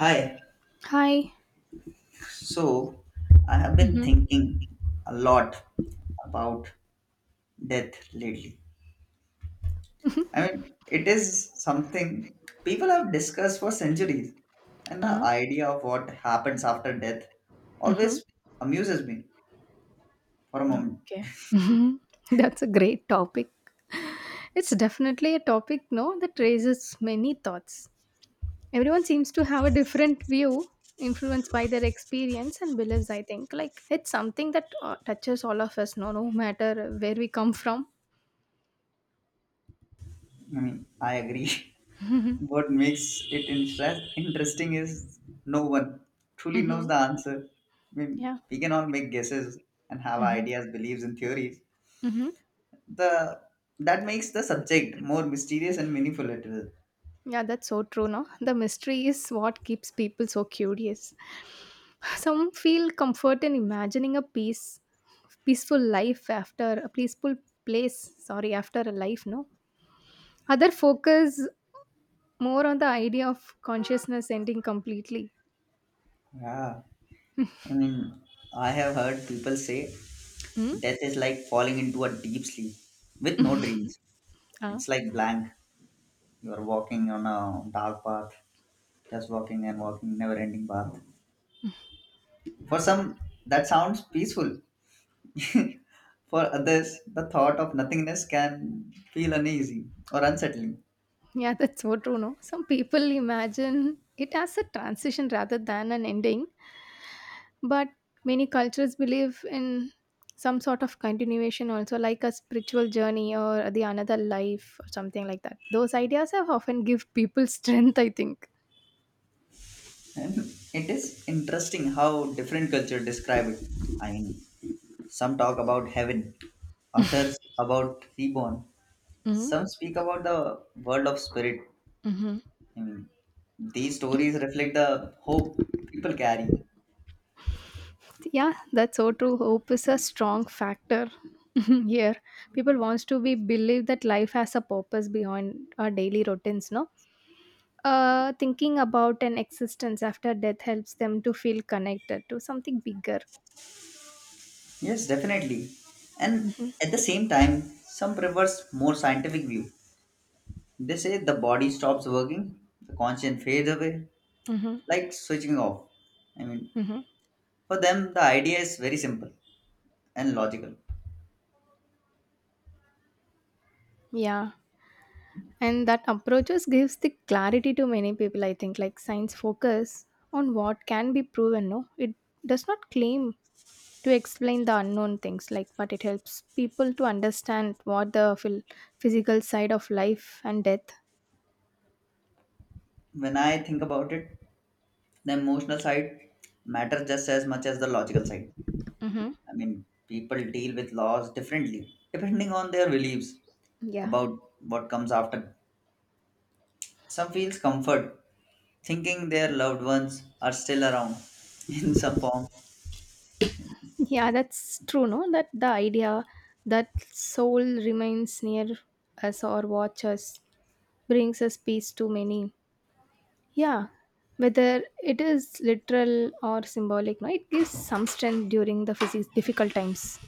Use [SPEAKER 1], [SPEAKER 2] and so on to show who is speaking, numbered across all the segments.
[SPEAKER 1] Hi.
[SPEAKER 2] Hi.
[SPEAKER 1] So, I have been
[SPEAKER 2] Mhm.
[SPEAKER 1] thinking a lot about death lately. I mean, it is something people have discussed for centuries, and the
[SPEAKER 2] Uh,
[SPEAKER 1] idea of what happens after death
[SPEAKER 2] mhm.
[SPEAKER 1] always amuses me for a moment.
[SPEAKER 2] Okay. Mhm. That's a great topic. It's definitely a topic, no, that raises many thoughts. Everyone seems to have a different view influenced by their experience and beliefs, I think. Like it's something that touches all of us, no, no matter where we come from.
[SPEAKER 1] I mean, I agree.
[SPEAKER 2] Mhm.
[SPEAKER 1] What makes it interesting is no one truly knows
[SPEAKER 2] Mhm.
[SPEAKER 1] the answer. I mean,
[SPEAKER 2] Yeah.
[SPEAKER 1] we can all make guesses and have
[SPEAKER 2] Mhm.
[SPEAKER 1] ideas, beliefs, and theories,
[SPEAKER 2] Mhm.
[SPEAKER 1] the that makes the subject more mysterious and meaningful at all.
[SPEAKER 2] Yeah, that's so true, no? The mystery is what keeps people so curious. Some feel comfort in imagining peaceful life after a peaceful place. Sorry, after a life, no. Other focus more on the idea of consciousness ending completely.
[SPEAKER 1] Yeah, I mean, I have heard people say
[SPEAKER 2] Hmm?
[SPEAKER 1] death is like falling into a deep sleep with no dreams.
[SPEAKER 2] Ah,
[SPEAKER 1] It's like blank. You are walking on a dark path, just walking and walking, never-ending path. For some, that sounds peaceful. For others, the thought of nothingness can feel uneasy or unsettling.
[SPEAKER 2] yeah, that's so true, no. Some people imagine it as a transition rather than an ending, but many cultures believe in some sort of continuation also, like a spiritual journey or the another life or something like that. Those ideas have often give people strength, I think.
[SPEAKER 1] And it is interesting how different cultures describe it. I mean, some talk about heaven, others about reborn.
[SPEAKER 2] Mhm,
[SPEAKER 1] Some speak about the world of spirit.
[SPEAKER 2] mhm.
[SPEAKER 1] I mean, these stories reflect the hope people carry.
[SPEAKER 2] Yeah, that's so true. Hope is a strong factor here. People wants to be believe that life has a purpose beyond our daily routines. No, thinking about an existence after death helps them to feel connected to something bigger.
[SPEAKER 1] Yes, definitely. And
[SPEAKER 2] Mm-hmm,
[SPEAKER 1] at the same time, some prefers more scientific view. They say the body stops working, the conscience fades away,
[SPEAKER 2] mm-hmm,
[SPEAKER 1] like switching off. I mean,
[SPEAKER 2] mm-hmm.
[SPEAKER 1] for them, the idea is very simple and logical.
[SPEAKER 2] Yeah. And that approaches gives the clarity to many people, I think. Like science focus on what can be proven, no? It does not claim to explain the unknown things, like, but it helps people to understand what the physical side of life and death.
[SPEAKER 1] When I think about it, the emotional side matters just as much as the logical side.
[SPEAKER 2] Hmm.
[SPEAKER 1] I mean, people deal with loss differently, depending on their beliefs
[SPEAKER 2] Yeah,
[SPEAKER 1] about what comes after. Some feels comfort, thinking their loved ones are still around in some form,
[SPEAKER 2] yeah, that's true, no, that the idea that soul remains near us or watch us brings us peace to many. Yeah, whether it is literal or symbolic, no, it gives some strength during the difficult times.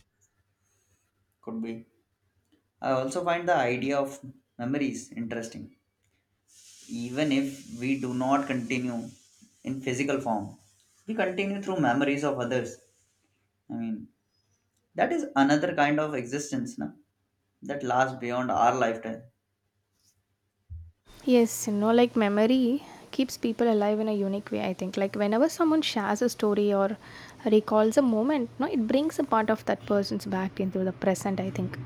[SPEAKER 1] could be. I also find the idea of memories interesting. Even if we do not continue in physical form, we continue through memories of others. I mean, that is another kind of existence na? That lasts beyond our lifetime.
[SPEAKER 2] Yes, you know, like memory keeps people alive in a unique way, I think. Like whenever someone shares a story or recalls a moment, no, it brings a part of that person's back into the present, I think.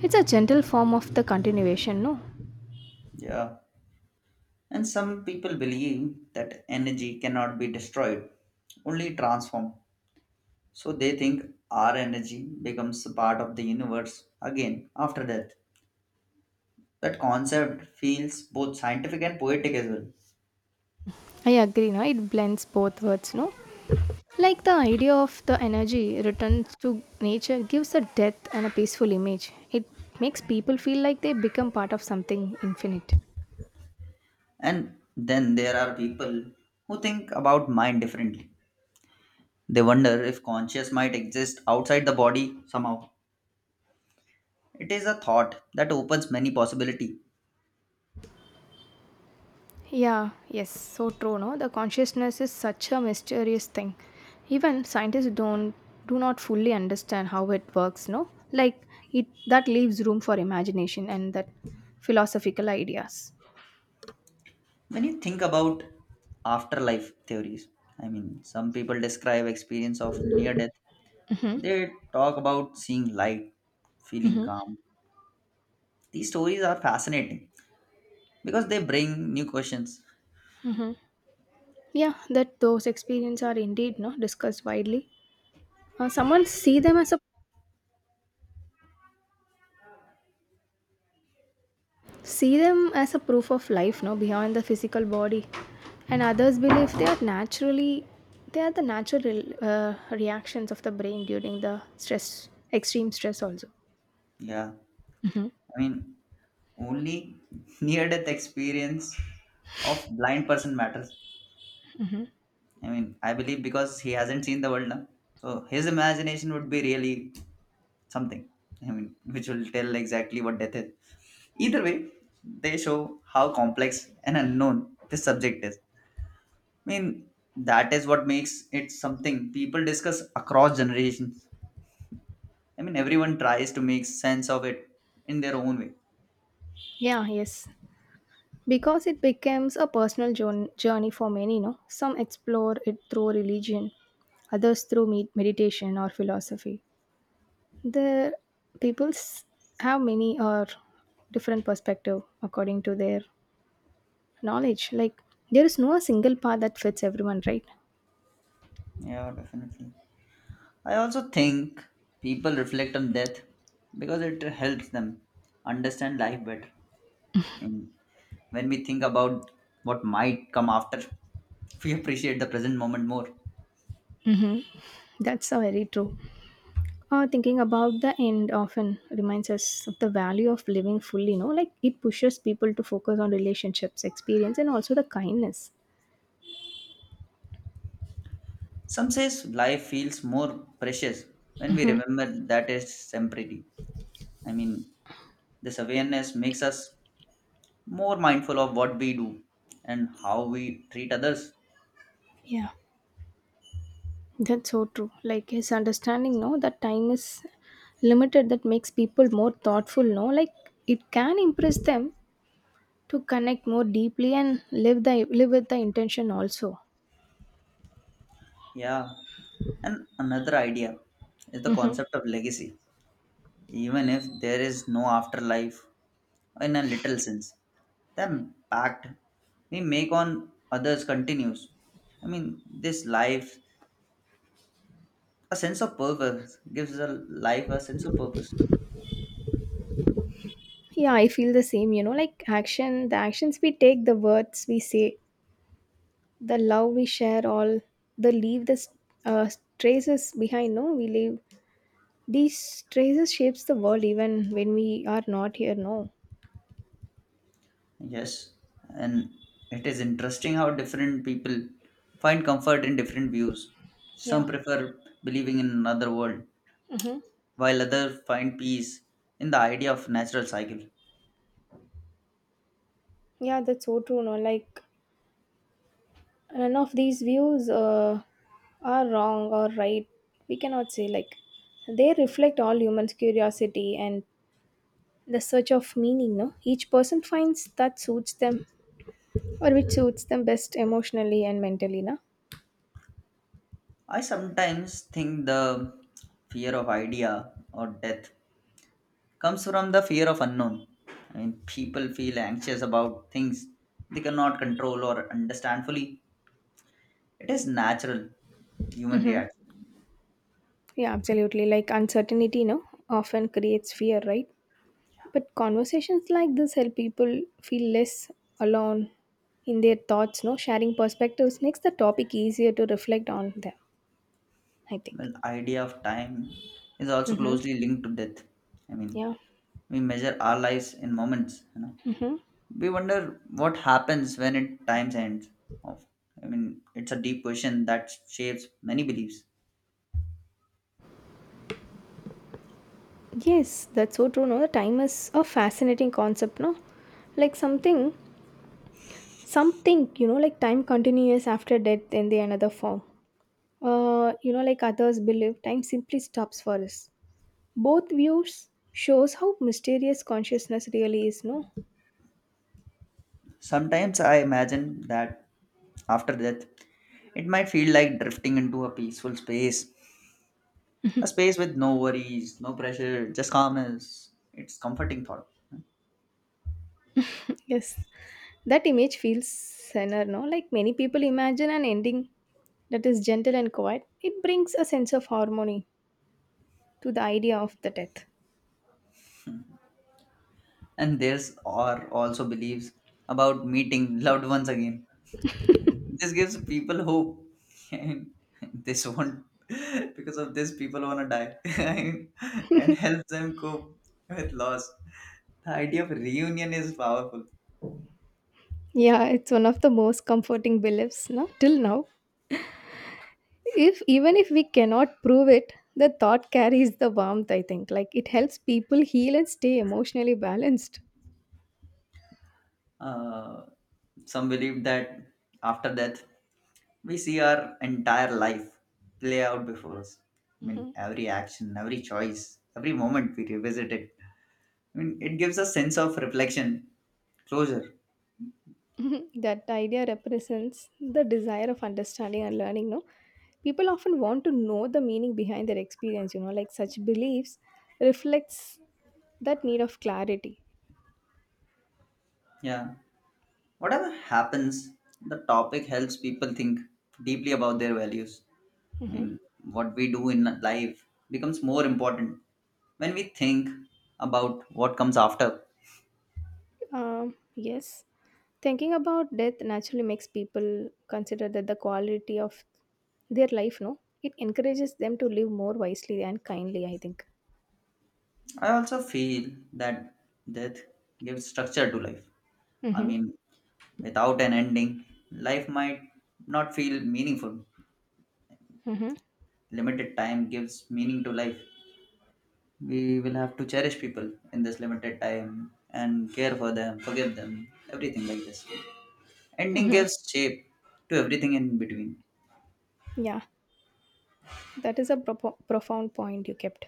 [SPEAKER 2] It's a gentle form of the continuation, no?
[SPEAKER 1] Yeah. And some people believe that energy cannot be destroyed, only transformed. So they think our energy becomes a part of the universe again after death. That concept feels both scientific and poetic as well.
[SPEAKER 2] I agree, no? It blends both words, no? Like the idea of the energy returns to nature gives a depth and a peaceful image. It makes people feel like they become part of something infinite.
[SPEAKER 1] And then there are people who think about mind differently. They wonder if conscious might exist outside the body somehow. It is a thought that opens many possibilities.
[SPEAKER 2] Yeah, yes, so true, no? The consciousness is such a mysterious thing. Even scientists don't do not fully understand how it works, no? Like it that leaves room for imagination and that philosophical ideas.
[SPEAKER 1] When you think about afterlife theories, I mean, some people describe experience of near death. They talk about seeing light, feeling calm. These stories are fascinating because they bring new questions.
[SPEAKER 2] Yeah, that those experiences are indeed no discussed widely. Someone see them as a proof of life, no, beyond the physical body, and others believe they are naturally they are the natural reactions of the brain during the stress extreme stress also.
[SPEAKER 1] Yeah, I mean, only near death experience of blind person matters. I mean, I believe because he hasn't seen the world now, so his imagination would be really something. I mean, which will tell exactly what death is. Either way, they show how complex and unknown this subject is. I mean, that is what makes it something people discuss across generations. I mean, everyone tries to make sense of it in their own way.
[SPEAKER 2] Yeah, yes, because it becomes a personal journey for many, no. Some explore it through religion, others through meditation or philosophy. The peoples have many or different perspective according to their knowledge. Like, there is no single path that fits everyone, right?
[SPEAKER 1] Yeah, definitely. I also think people reflect on death because it helps them understand life better. I mean, when we think about what might come after, we appreciate the present moment more.
[SPEAKER 2] That's so very true. Thinking about the end often reminds us of the value of living fully, you know. Like it pushes people to focus on relationships, experience, and also the kindness.
[SPEAKER 1] Some says life feels more precious when we remember that it's temporary. I mean, this awareness makes us more mindful of what we do and how we treat others.
[SPEAKER 2] Yeah, that's so true. Like his understanding, no, that time is limited, that makes people more thoughtful, no. Like it can impress them to connect more deeply and live the live with the intention also.
[SPEAKER 1] Yeah. And another idea is the
[SPEAKER 2] Mhm.
[SPEAKER 1] concept of legacy. Even if there is no afterlife in a little sense, the impact we make on others continues. I mean, this life, a sense of purpose gives a life a sense of purpose.
[SPEAKER 2] Yeah, I feel the same. You know, like the actions we take, the words we say, the love we share, all the leave the s- uh, traces behind. No, we leave these traces shapes the world even when we are not here. No.
[SPEAKER 1] Yes, and it is interesting how different people find comfort in different views. Some
[SPEAKER 2] Yeah.
[SPEAKER 1] prefer believing in another world,
[SPEAKER 2] Mm-hmm.
[SPEAKER 1] while others find peace in the idea of natural cycle.
[SPEAKER 2] Yeah, that's so true. No, like none of these views are wrong or right. We cannot say. Like, they reflect all humans' curiosity and the search of meaning. No, each person finds that suits them or which suits them best emotionally and mentally, na.
[SPEAKER 1] I sometimes think the fear of idea or death comes from the fear of unknown. I mean, people feel anxious about things they cannot control or understand fully. It is natural human reaction.
[SPEAKER 2] Yeah, absolutely. Like uncertainty, no, often creates fear, right? But conversations like this help people feel less alone in their thoughts, no. Sharing perspectives makes the topic easier to reflect on them, I think.
[SPEAKER 1] Well, idea of time is also closely linked to death. I mean,
[SPEAKER 2] Yeah,
[SPEAKER 1] we measure our lives in moments. You know, we wonder what happens when it time ends. Of, I mean, it's a deep question that shapes many beliefs.
[SPEAKER 2] yes, that's so true, no. Time is a fascinating concept, no. Like something, you know, like time continues after death in the another form. You know, like others believe time simply stops for us. Both views shows how mysterious consciousness really is, no.
[SPEAKER 1] Sometimes I imagine that after death, it might feel like drifting into a peaceful space, a space with no worries, no pressure, just calmness. It's comforting thought.
[SPEAKER 2] Yes, that image feels center, no. Like many people imagine an ending that is gentle and quiet. It brings a sense of harmony to the idea of the death.
[SPEAKER 1] And there's are also beliefs about meeting loved ones again. This gives people hope and this won't because of this people want to die and helps them cope with loss. The idea of reunion is powerful.
[SPEAKER 2] Yeah, it's one of the most comforting beliefs, no, till now. If Even if we cannot prove it, the thought carries the warmth, I think. Like it helps people heal and stay emotionally balanced.
[SPEAKER 1] uh, some believe that after death we see our entire life play out before us. I mean, every action, every choice, every moment we revisit it. I mean, it gives a sense of reflection, closure.
[SPEAKER 2] That idea represents the desire of understanding and learning, no. People often want to know the meaning behind their experience, you know. Like such beliefs reflects that need of clarity.
[SPEAKER 1] Yeah, whatever happens, the topic helps people think deeply about their values. I mean, what we do in life becomes more important when we think about what comes after.
[SPEAKER 2] Yes, thinking about death naturally makes people consider that the quality of their life, no. It encourages them to live more wisely and kindly, I think.
[SPEAKER 1] I also feel that death gives structure to life. I
[SPEAKER 2] Mm-hmm,
[SPEAKER 1] mean, without an ending, life might not feel meaningful.
[SPEAKER 2] mm-hmm,
[SPEAKER 1] Limited time gives meaning to life. We will have to cherish people in this limited time and care for them, forgive them, everything like this. Ending
[SPEAKER 2] mm-hmm.
[SPEAKER 1] gives shape to everything in between.
[SPEAKER 2] Yeah, that is a propo profound point you kept.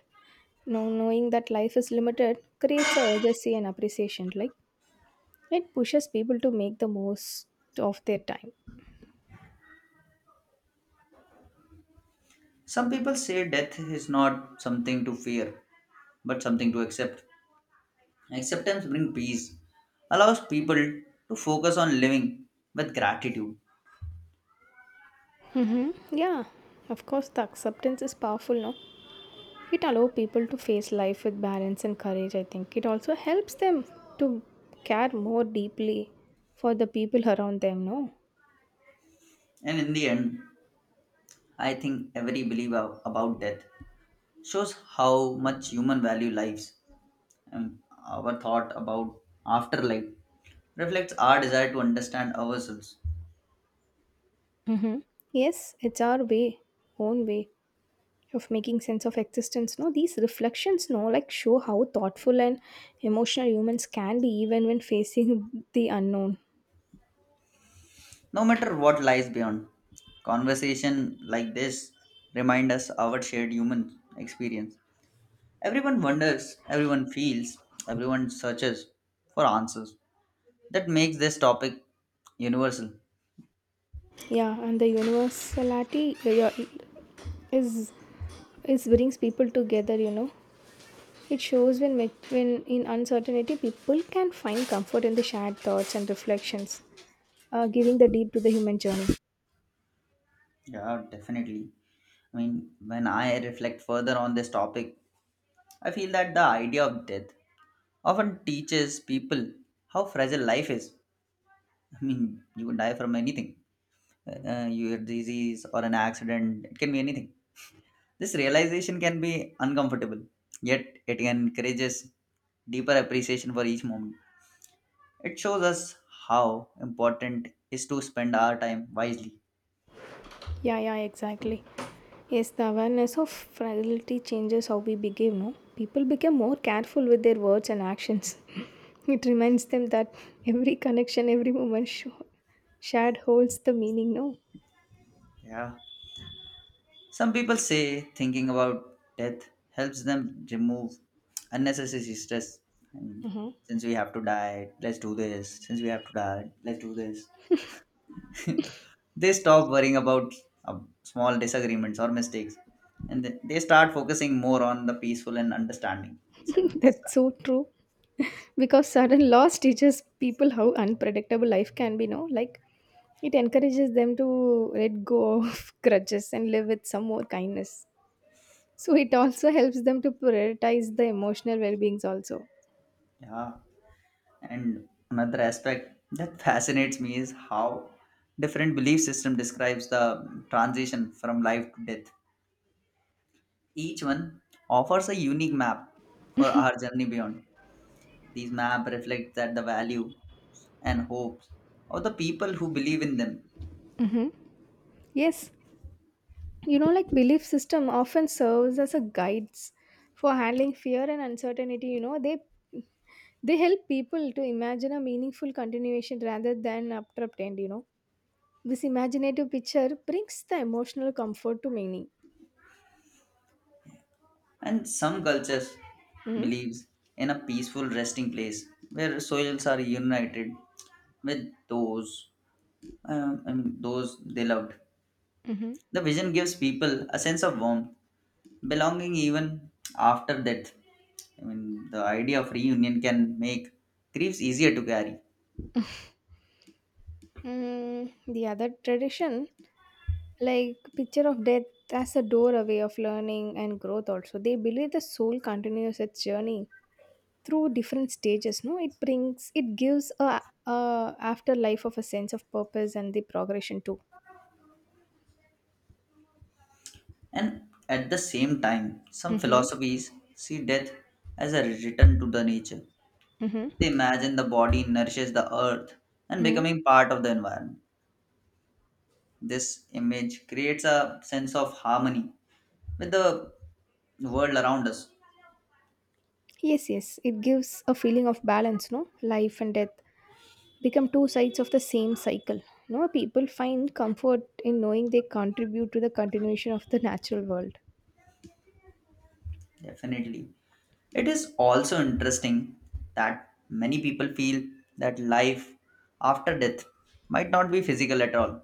[SPEAKER 2] Now, knowing that life is limited creates a urgency and appreciation. Like it pushes people to make the most of their time.
[SPEAKER 1] Some people say death is not something to fear, but something to accept. Acceptance brings peace, allows people to focus on living with gratitude.
[SPEAKER 2] Mm-hmm. Yeah, of course, the acceptance is powerful, no? It allows people to face life with balance and courage, I think. It also helps them to care more deeply for the people around them, no?
[SPEAKER 1] And in the end, I think every belief about death shows how much human value lives, and our thought about afterlife reflects our desire to understand ourselves.
[SPEAKER 2] Mm-hmm. Yes, it's own way of making sense of existence, no. These reflections, no, like show how thoughtful and emotional humans can be even when facing the unknown.
[SPEAKER 1] No matter what lies beyond, conversation like this remind us our shared human experience. Everyone wonders, everyone feels, everyone searches for answers. That makes this topic universal.
[SPEAKER 2] Yeah, and the universality yeah, is is brings people together, you know. It shows when when in uncertainty people can find comfort in the shared thoughts and reflections, giving the deep to the human journey.
[SPEAKER 1] Yeah, definitely. I mean, when I reflect further on this topic, I feel that the idea of death often teaches people how fragile life is. I mean, you can die from anything, your disease or an accident, it can be anything. This realization can be uncomfortable, yet it encourages deeper appreciation for each moment. It shows us how important is to spend our time wisely.
[SPEAKER 2] Yeah, yeah, exactly. Yes, the awareness of fragility changes how we behave, no? People become more careful with their words and actions. It reminds them that every connection, every moment shared holds the meaning, no?
[SPEAKER 1] Yeah. Some people say thinking about death helps them remove unnecessary stress. And
[SPEAKER 2] Uh-huh.
[SPEAKER 1] since we have to die, let's do this. Since we have to die, let's do this. They stop worrying about small disagreements or mistakes, and they start focusing more on the peaceful and understanding peace and
[SPEAKER 2] That's
[SPEAKER 1] understanding.
[SPEAKER 2] so true. Because sudden loss teaches people how unpredictable life can be, no? Like, it encourages them to let go of grudges and live with some more kindness. So, it also helps them to prioritize the emotional well beings, also.
[SPEAKER 1] Yeah, and another aspect that fascinates me is how different belief system describes the transition from life to death. Each one offers a unique map for our journey beyond. These maps reflect that the value and hopes of the people who believe in them.
[SPEAKER 2] Yes, you know, like belief system often serves as a guides for handling fear and uncertainty. You know, they help people to imagine a meaningful continuation rather than abrupt end. You know, this imaginative picture brings the emotional comfort to many.
[SPEAKER 1] And some cultures
[SPEAKER 2] Mm-hmm.
[SPEAKER 1] believes in a peaceful resting place where souls are united with those, I mean, those they loved.
[SPEAKER 2] Mm-hmm.
[SPEAKER 1] The vision gives people a sense of warmth, belonging even after death. I mean, the idea of reunion can make griefs easier to carry.
[SPEAKER 2] Mm, the other tradition, like picture of death as a doorway of learning and growth. Also, they believe the soul continues its journey through different stages, no. It brings it gives a afterlife of a sense of purpose and the progression too.
[SPEAKER 1] And at the same time, some
[SPEAKER 2] Mm-hmm.
[SPEAKER 1] philosophies see death as a return to the nature.
[SPEAKER 2] Mm-hmm.
[SPEAKER 1] They imagine the body nourishes the earth and
[SPEAKER 2] Mm-hmm.
[SPEAKER 1] becoming part of the environment. This image creates a sense of harmony with the world around us.
[SPEAKER 2] Yes, yes, it gives a feeling of balance, no. Life and death become two sides of the same cycle, no. People find comfort in knowing they contribute to the continuation of the natural world.
[SPEAKER 1] Definitely. It is also interesting that many people feel that life after death might not be physical at all.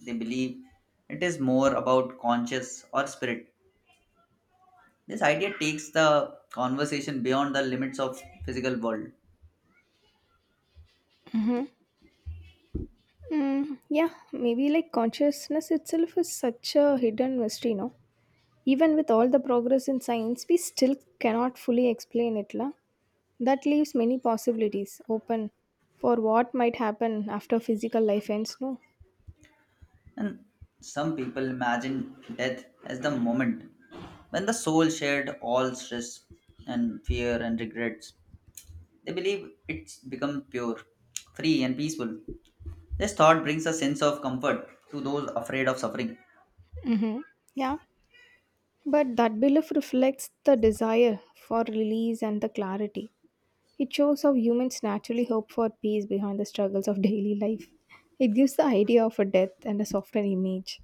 [SPEAKER 1] They believe it is more about conscious or spirit. This idea takes the conversation beyond the limits of physical world.
[SPEAKER 2] Mm-hmm. Mm, yeah, maybe like consciousness itself is such a hidden mystery, no? Even with all the progress in science, we still cannot fully explain it, la. That leaves many possibilities open for what might happen after physical life ends, no?
[SPEAKER 1] And some people imagine death as the moment when the soul shared all stress and fear and regrets. They believe it's become pure, free and peaceful. This thought brings a sense of comfort to those afraid of suffering.
[SPEAKER 2] Yeah. But that belief reflects the desire for release and the clarity. It shows how humans naturally hope for peace behind the struggles of daily life. It gives the idea of a death and a softer image.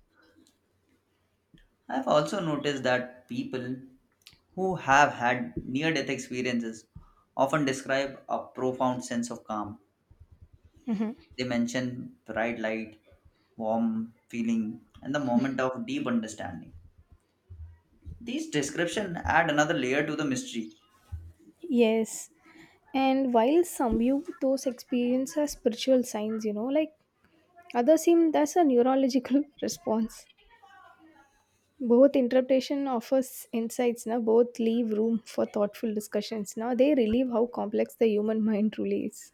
[SPEAKER 1] I have also noticed that people who have had near death experiences often describe a profound sense of calm. They mention bright light, warm feeling, and the moment of deep understanding. These descriptions add another layer to the mystery.
[SPEAKER 2] Yes. And while some view those experiences as spiritual signs, you know, like others seem that's a neurological response. Both interpretation offers insights now, both leave room for thoughtful discussions. Now they relieve how complex the human mind truly is.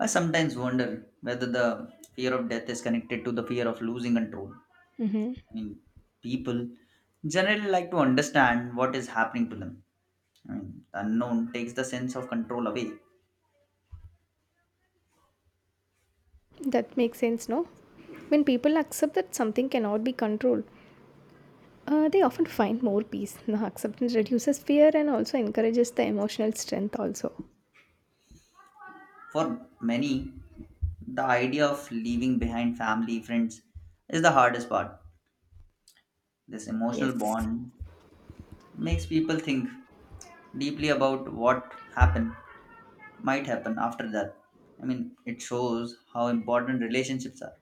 [SPEAKER 1] I sometimes wonder whether the fear of death is connected to the fear of losing control. I
[SPEAKER 2] Hmm.
[SPEAKER 1] mean, people generally like to understand what is happening to them. I mean, the unknown takes the sense of control away.
[SPEAKER 2] That makes sense, no? When people accept that something cannot be controlled, they often find more peace. Now, acceptance reduces fear and also encourages the emotional strength, also.
[SPEAKER 1] For many, the idea of leaving behind family, friends is the hardest part. This emotional
[SPEAKER 2] Yes.
[SPEAKER 1] bond makes people think deeply about what happened, might happen after that. I mean, it shows how important relationships are.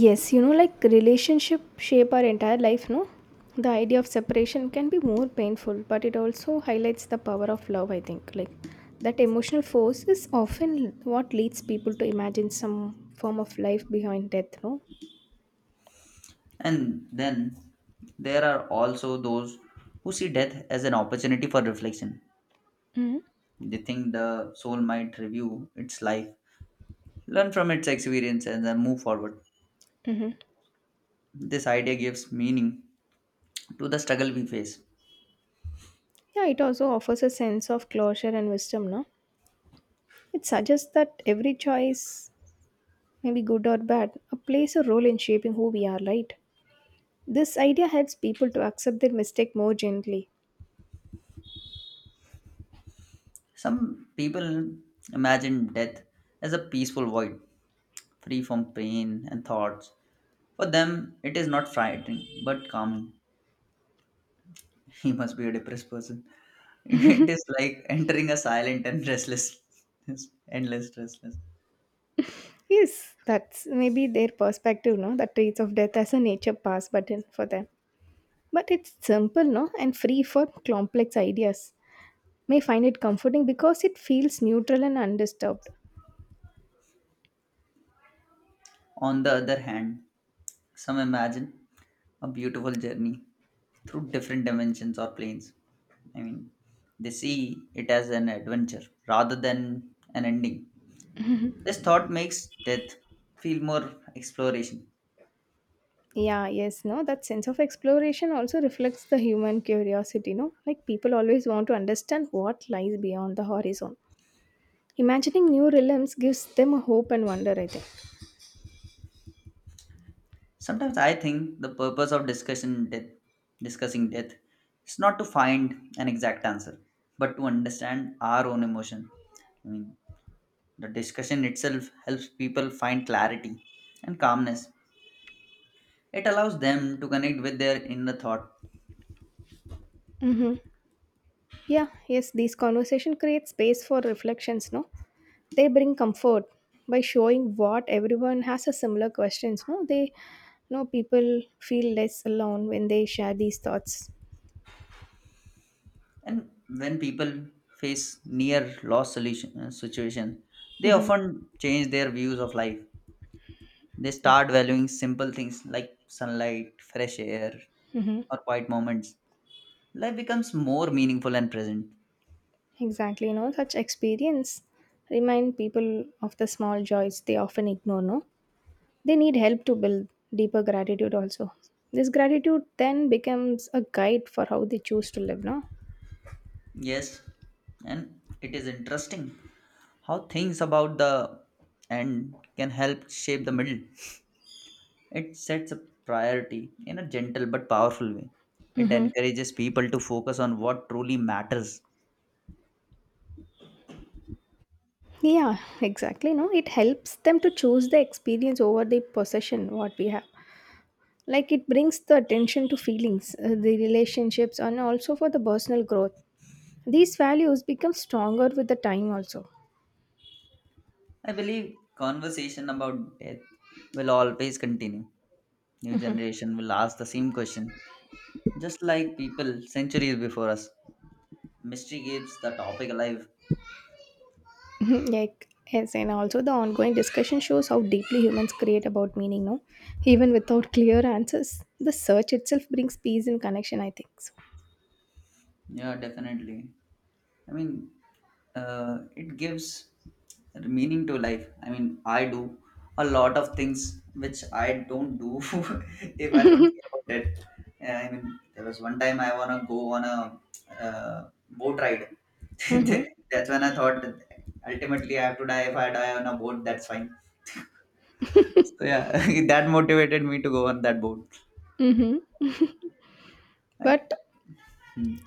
[SPEAKER 2] Yes, you know, like relationship shape our entire life, no? The idea of separation can be more painful, but it also highlights the power of love, I think. Like that emotional force is often what leads people to imagine some form of life behind death, no?
[SPEAKER 1] And then there are also those who see death as an opportunity for reflection.
[SPEAKER 2] Hmm.
[SPEAKER 1] They think the soul might review its life, learn from its experience and then move forward. This idea gives meaning to the struggle we face.
[SPEAKER 2] Yeah, it also offers a sense of closure and wisdom, no? It suggests that every choice, maybe good or bad, plays a role in shaping who we are, right? This idea helps people to accept their mistake more gently.
[SPEAKER 1] Some people imagine death as a peaceful void, free from pain and thoughts. For them, it is not frightening but calming. He must be a depressed person. It is like entering a silent and restless, endless restless.
[SPEAKER 2] Yes, that's maybe their perspective, no? That traits of death as a nature pass button for them. But it's simple, no? And free for complex ideas. May find it comforting because it feels neutral and undisturbed.
[SPEAKER 1] On the other hand, some imagine a beautiful journey through different dimensions or planes. I mean, they see it as an adventure rather than an ending. This thought makes death feel more exploration.
[SPEAKER 2] Yeah, yes, no? That sense of exploration also reflects the human curiosity, no? Like people always want to understand what lies beyond the horizon. Imagining new realms gives them a hope and wonder, I think.
[SPEAKER 1] Sometimes I think the purpose of discussing death is not to find an exact answer, but to understand our own emotion. I mean, the discussion itself helps people find clarity and calmness. It allows them to connect with their inner thought.
[SPEAKER 2] Mm-hmm. Yeah, yes, these conversation creates space for reflections, no? They bring comfort by showing what everyone has a similar questions, no? They people feel less alone when they share these thoughts.
[SPEAKER 1] And when people face near loss solution situation, they
[SPEAKER 2] Hmm.
[SPEAKER 1] often change their views of life. They
[SPEAKER 2] Yeah.
[SPEAKER 1] start valuing simple things like sunlight, fresh air,
[SPEAKER 2] Hmm,
[SPEAKER 1] or quiet moments. Life becomes more meaningful and present.
[SPEAKER 2] exactly, you know, such experience remind people of the small joys they often ignore, no? They need help to build deeper gratitude also. This gratitude then becomes a guide for how they choose to live, no?
[SPEAKER 1] Yes, and it is interesting how things about the end can help shape the middle. It sets a priority in a gentle but powerful way. It
[SPEAKER 2] Hmm.
[SPEAKER 1] encourages people to focus on what truly matters.
[SPEAKER 2] Yeah, exactly, no, it helps them to choose the experience over the possession what we have. Like, it brings the attention to feelings, the relationships, and also for the personal growth. These values become stronger with the time also.
[SPEAKER 1] I believe conversation about death will always continue. New generation will ask the same question, just like people centuries before us. Mystery keeps the topic alive.
[SPEAKER 2] Like, yes, and also the ongoing discussion shows how deeply humans create about meaning, no? Even without clear answers, the search itself brings peace and connection, I think so.
[SPEAKER 1] Yeah, definitely. I mean, it gives meaning to life. I mean, I do a lot of things which I don't do if I don't think about it. Yeah, I mean, there was one time I wanna go on a boat ride.
[SPEAKER 2] Mm-hmm.
[SPEAKER 1] That's when I thought that ultimately I have to die. If I die on a boat, that's fine. So yeah, that motivated me to go on that boat.
[SPEAKER 2] Mm-hmm.
[SPEAKER 1] I,
[SPEAKER 2] But
[SPEAKER 1] hmm.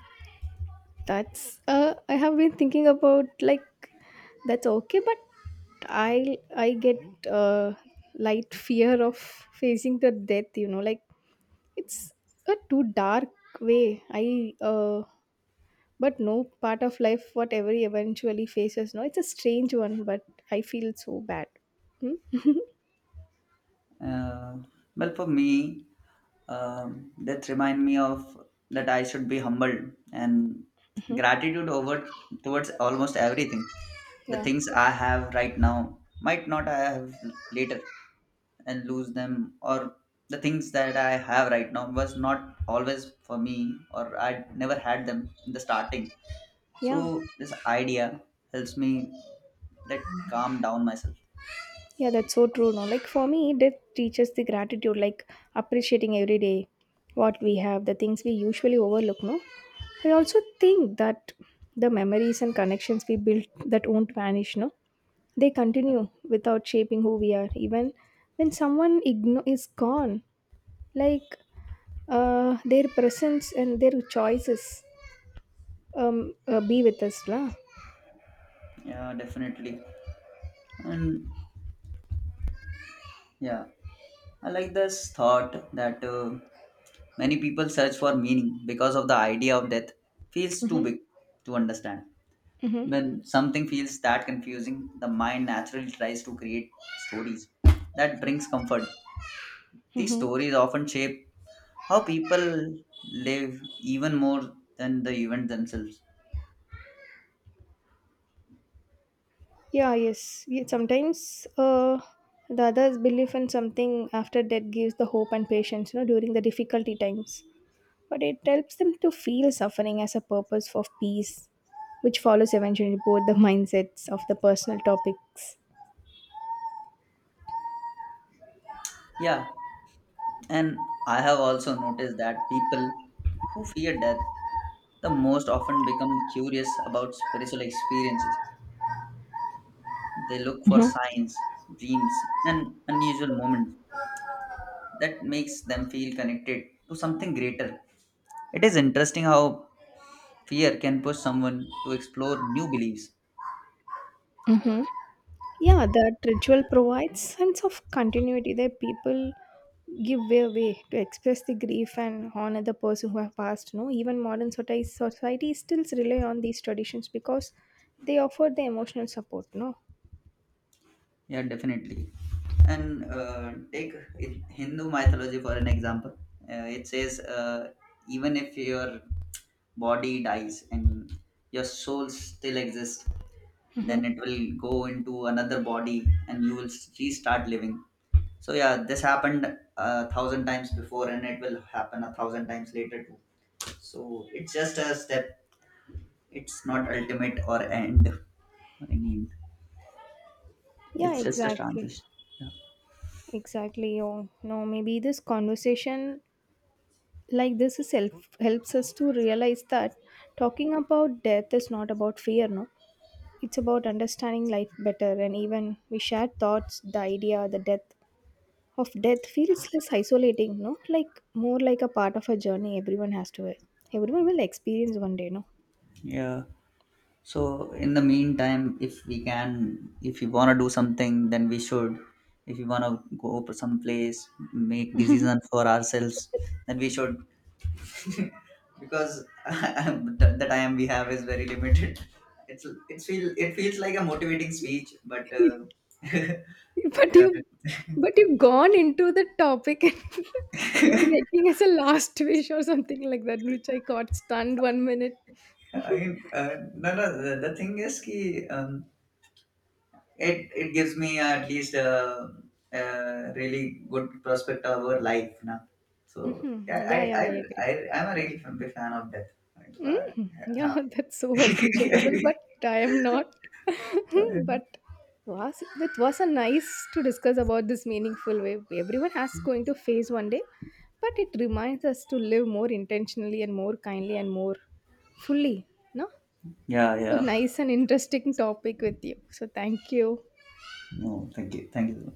[SPEAKER 2] that's I have been thinking about, like, that's okay, but I get uh, light fear of facing the death, you know, like, it's a too dark way. I but no, part of life what every eventually faces. No, it's a strange one, but I feel so bad. Hmm?
[SPEAKER 1] Uh, well, for me, that remind me of that I should be humbled and gratitude over towards almost everything. The
[SPEAKER 2] Yeah,
[SPEAKER 1] things I have right now might not I have later and lose them, or the things that I have right now was not always for me, or I never had them in the starting.
[SPEAKER 2] yeah,
[SPEAKER 1] So this idea helps me let calm down myself.
[SPEAKER 2] yeah. That's so true. No, like for me, death teaches the gratitude, like appreciating every day what we have, the things we usually overlook. No, I also think that the memories and connections we built that won't vanish. No, they continue without shaping who we are, even when is gone, like, their presence and their choices be with us lah.
[SPEAKER 1] Yeah, definitely, and yeah. I like this thought that many people search for meaning because of the idea of death feels too big to understand.
[SPEAKER 2] Mm-hmm.
[SPEAKER 1] When something feels that confusing, the mind naturally tries to create stories that brings comfort. These
[SPEAKER 2] Mm-hmm.
[SPEAKER 1] stories often shape how people live even more than the event themselves.
[SPEAKER 2] Yeah, yes. Yeah, sometimes the others belief in something after death gives the hope and patience, you know, during the difficulty times, but it helps them to feel suffering as a purpose for peace, which follows eventually both the mindsets of the personal topics.
[SPEAKER 1] Yeah, and I have also noticed that people who fear death the most often become curious about spiritual experiences. They look for signs, dreams, and unusual moments that makes them feel connected to something greater. It is interesting how fear can push someone to explore new beliefs.
[SPEAKER 2] Mm-hmm. Yeah, that ritual provides sense of continuity that people give way away to express the grief and honor the person who have passed. No, even modern society still rely on these traditions because they offer the emotional support. No,
[SPEAKER 1] Yeah, definitely. And take it- Hindu mythology for an example. It says even if your body dies and your soul still exists, then it will go into another body and you will restart living. So yeah, this happened 1,000 times before and it will happen 1,000 times later too. So it's just a step. It's not ultimate or end or any end.
[SPEAKER 2] yeah,
[SPEAKER 1] It's just a
[SPEAKER 2] exactly,
[SPEAKER 1] transition. Yeah.
[SPEAKER 2] exactly. Oh no, maybe this conversation, like, helps us to realize that talking about death is not about fear. No, it's about understanding life better, and even we share thoughts, the idea, the death of death feels less isolating, no, like more like a part of a journey everyone has to everyone will experience one day, no.
[SPEAKER 1] Yeah. So in the meantime, if we can, if you wanna do something, then we should. If you wanna go to some place, make decisions for ourselves, then we should. Because the time we have is very limited. It feels like a motivating speech, but
[SPEAKER 2] But you,
[SPEAKER 1] yeah.
[SPEAKER 2] but you've gone into the topic and you're making us a last wish or something like that, which I got stunned one minute.
[SPEAKER 1] I mean, no, no. The thing is, ki, it gives me at least a really good prospect of our life na. So
[SPEAKER 2] Hmm.
[SPEAKER 1] yeah,
[SPEAKER 2] Yeah, yeah, I agree.
[SPEAKER 1] I'm a really big fan of death. Like,
[SPEAKER 2] Mm,
[SPEAKER 1] uh,
[SPEAKER 2] yeah, that's
[SPEAKER 1] yeah.
[SPEAKER 2] so appreciable, but I am not. But was it was a nice to discuss about this meaningful way everyone has going to face one day, but it reminds us to live more intentionally and more kindly and more fully. No,
[SPEAKER 1] Yeah,
[SPEAKER 2] so
[SPEAKER 1] yeah.
[SPEAKER 2] nice and interesting topic with you. So thank you.
[SPEAKER 1] No, thank you, thank you.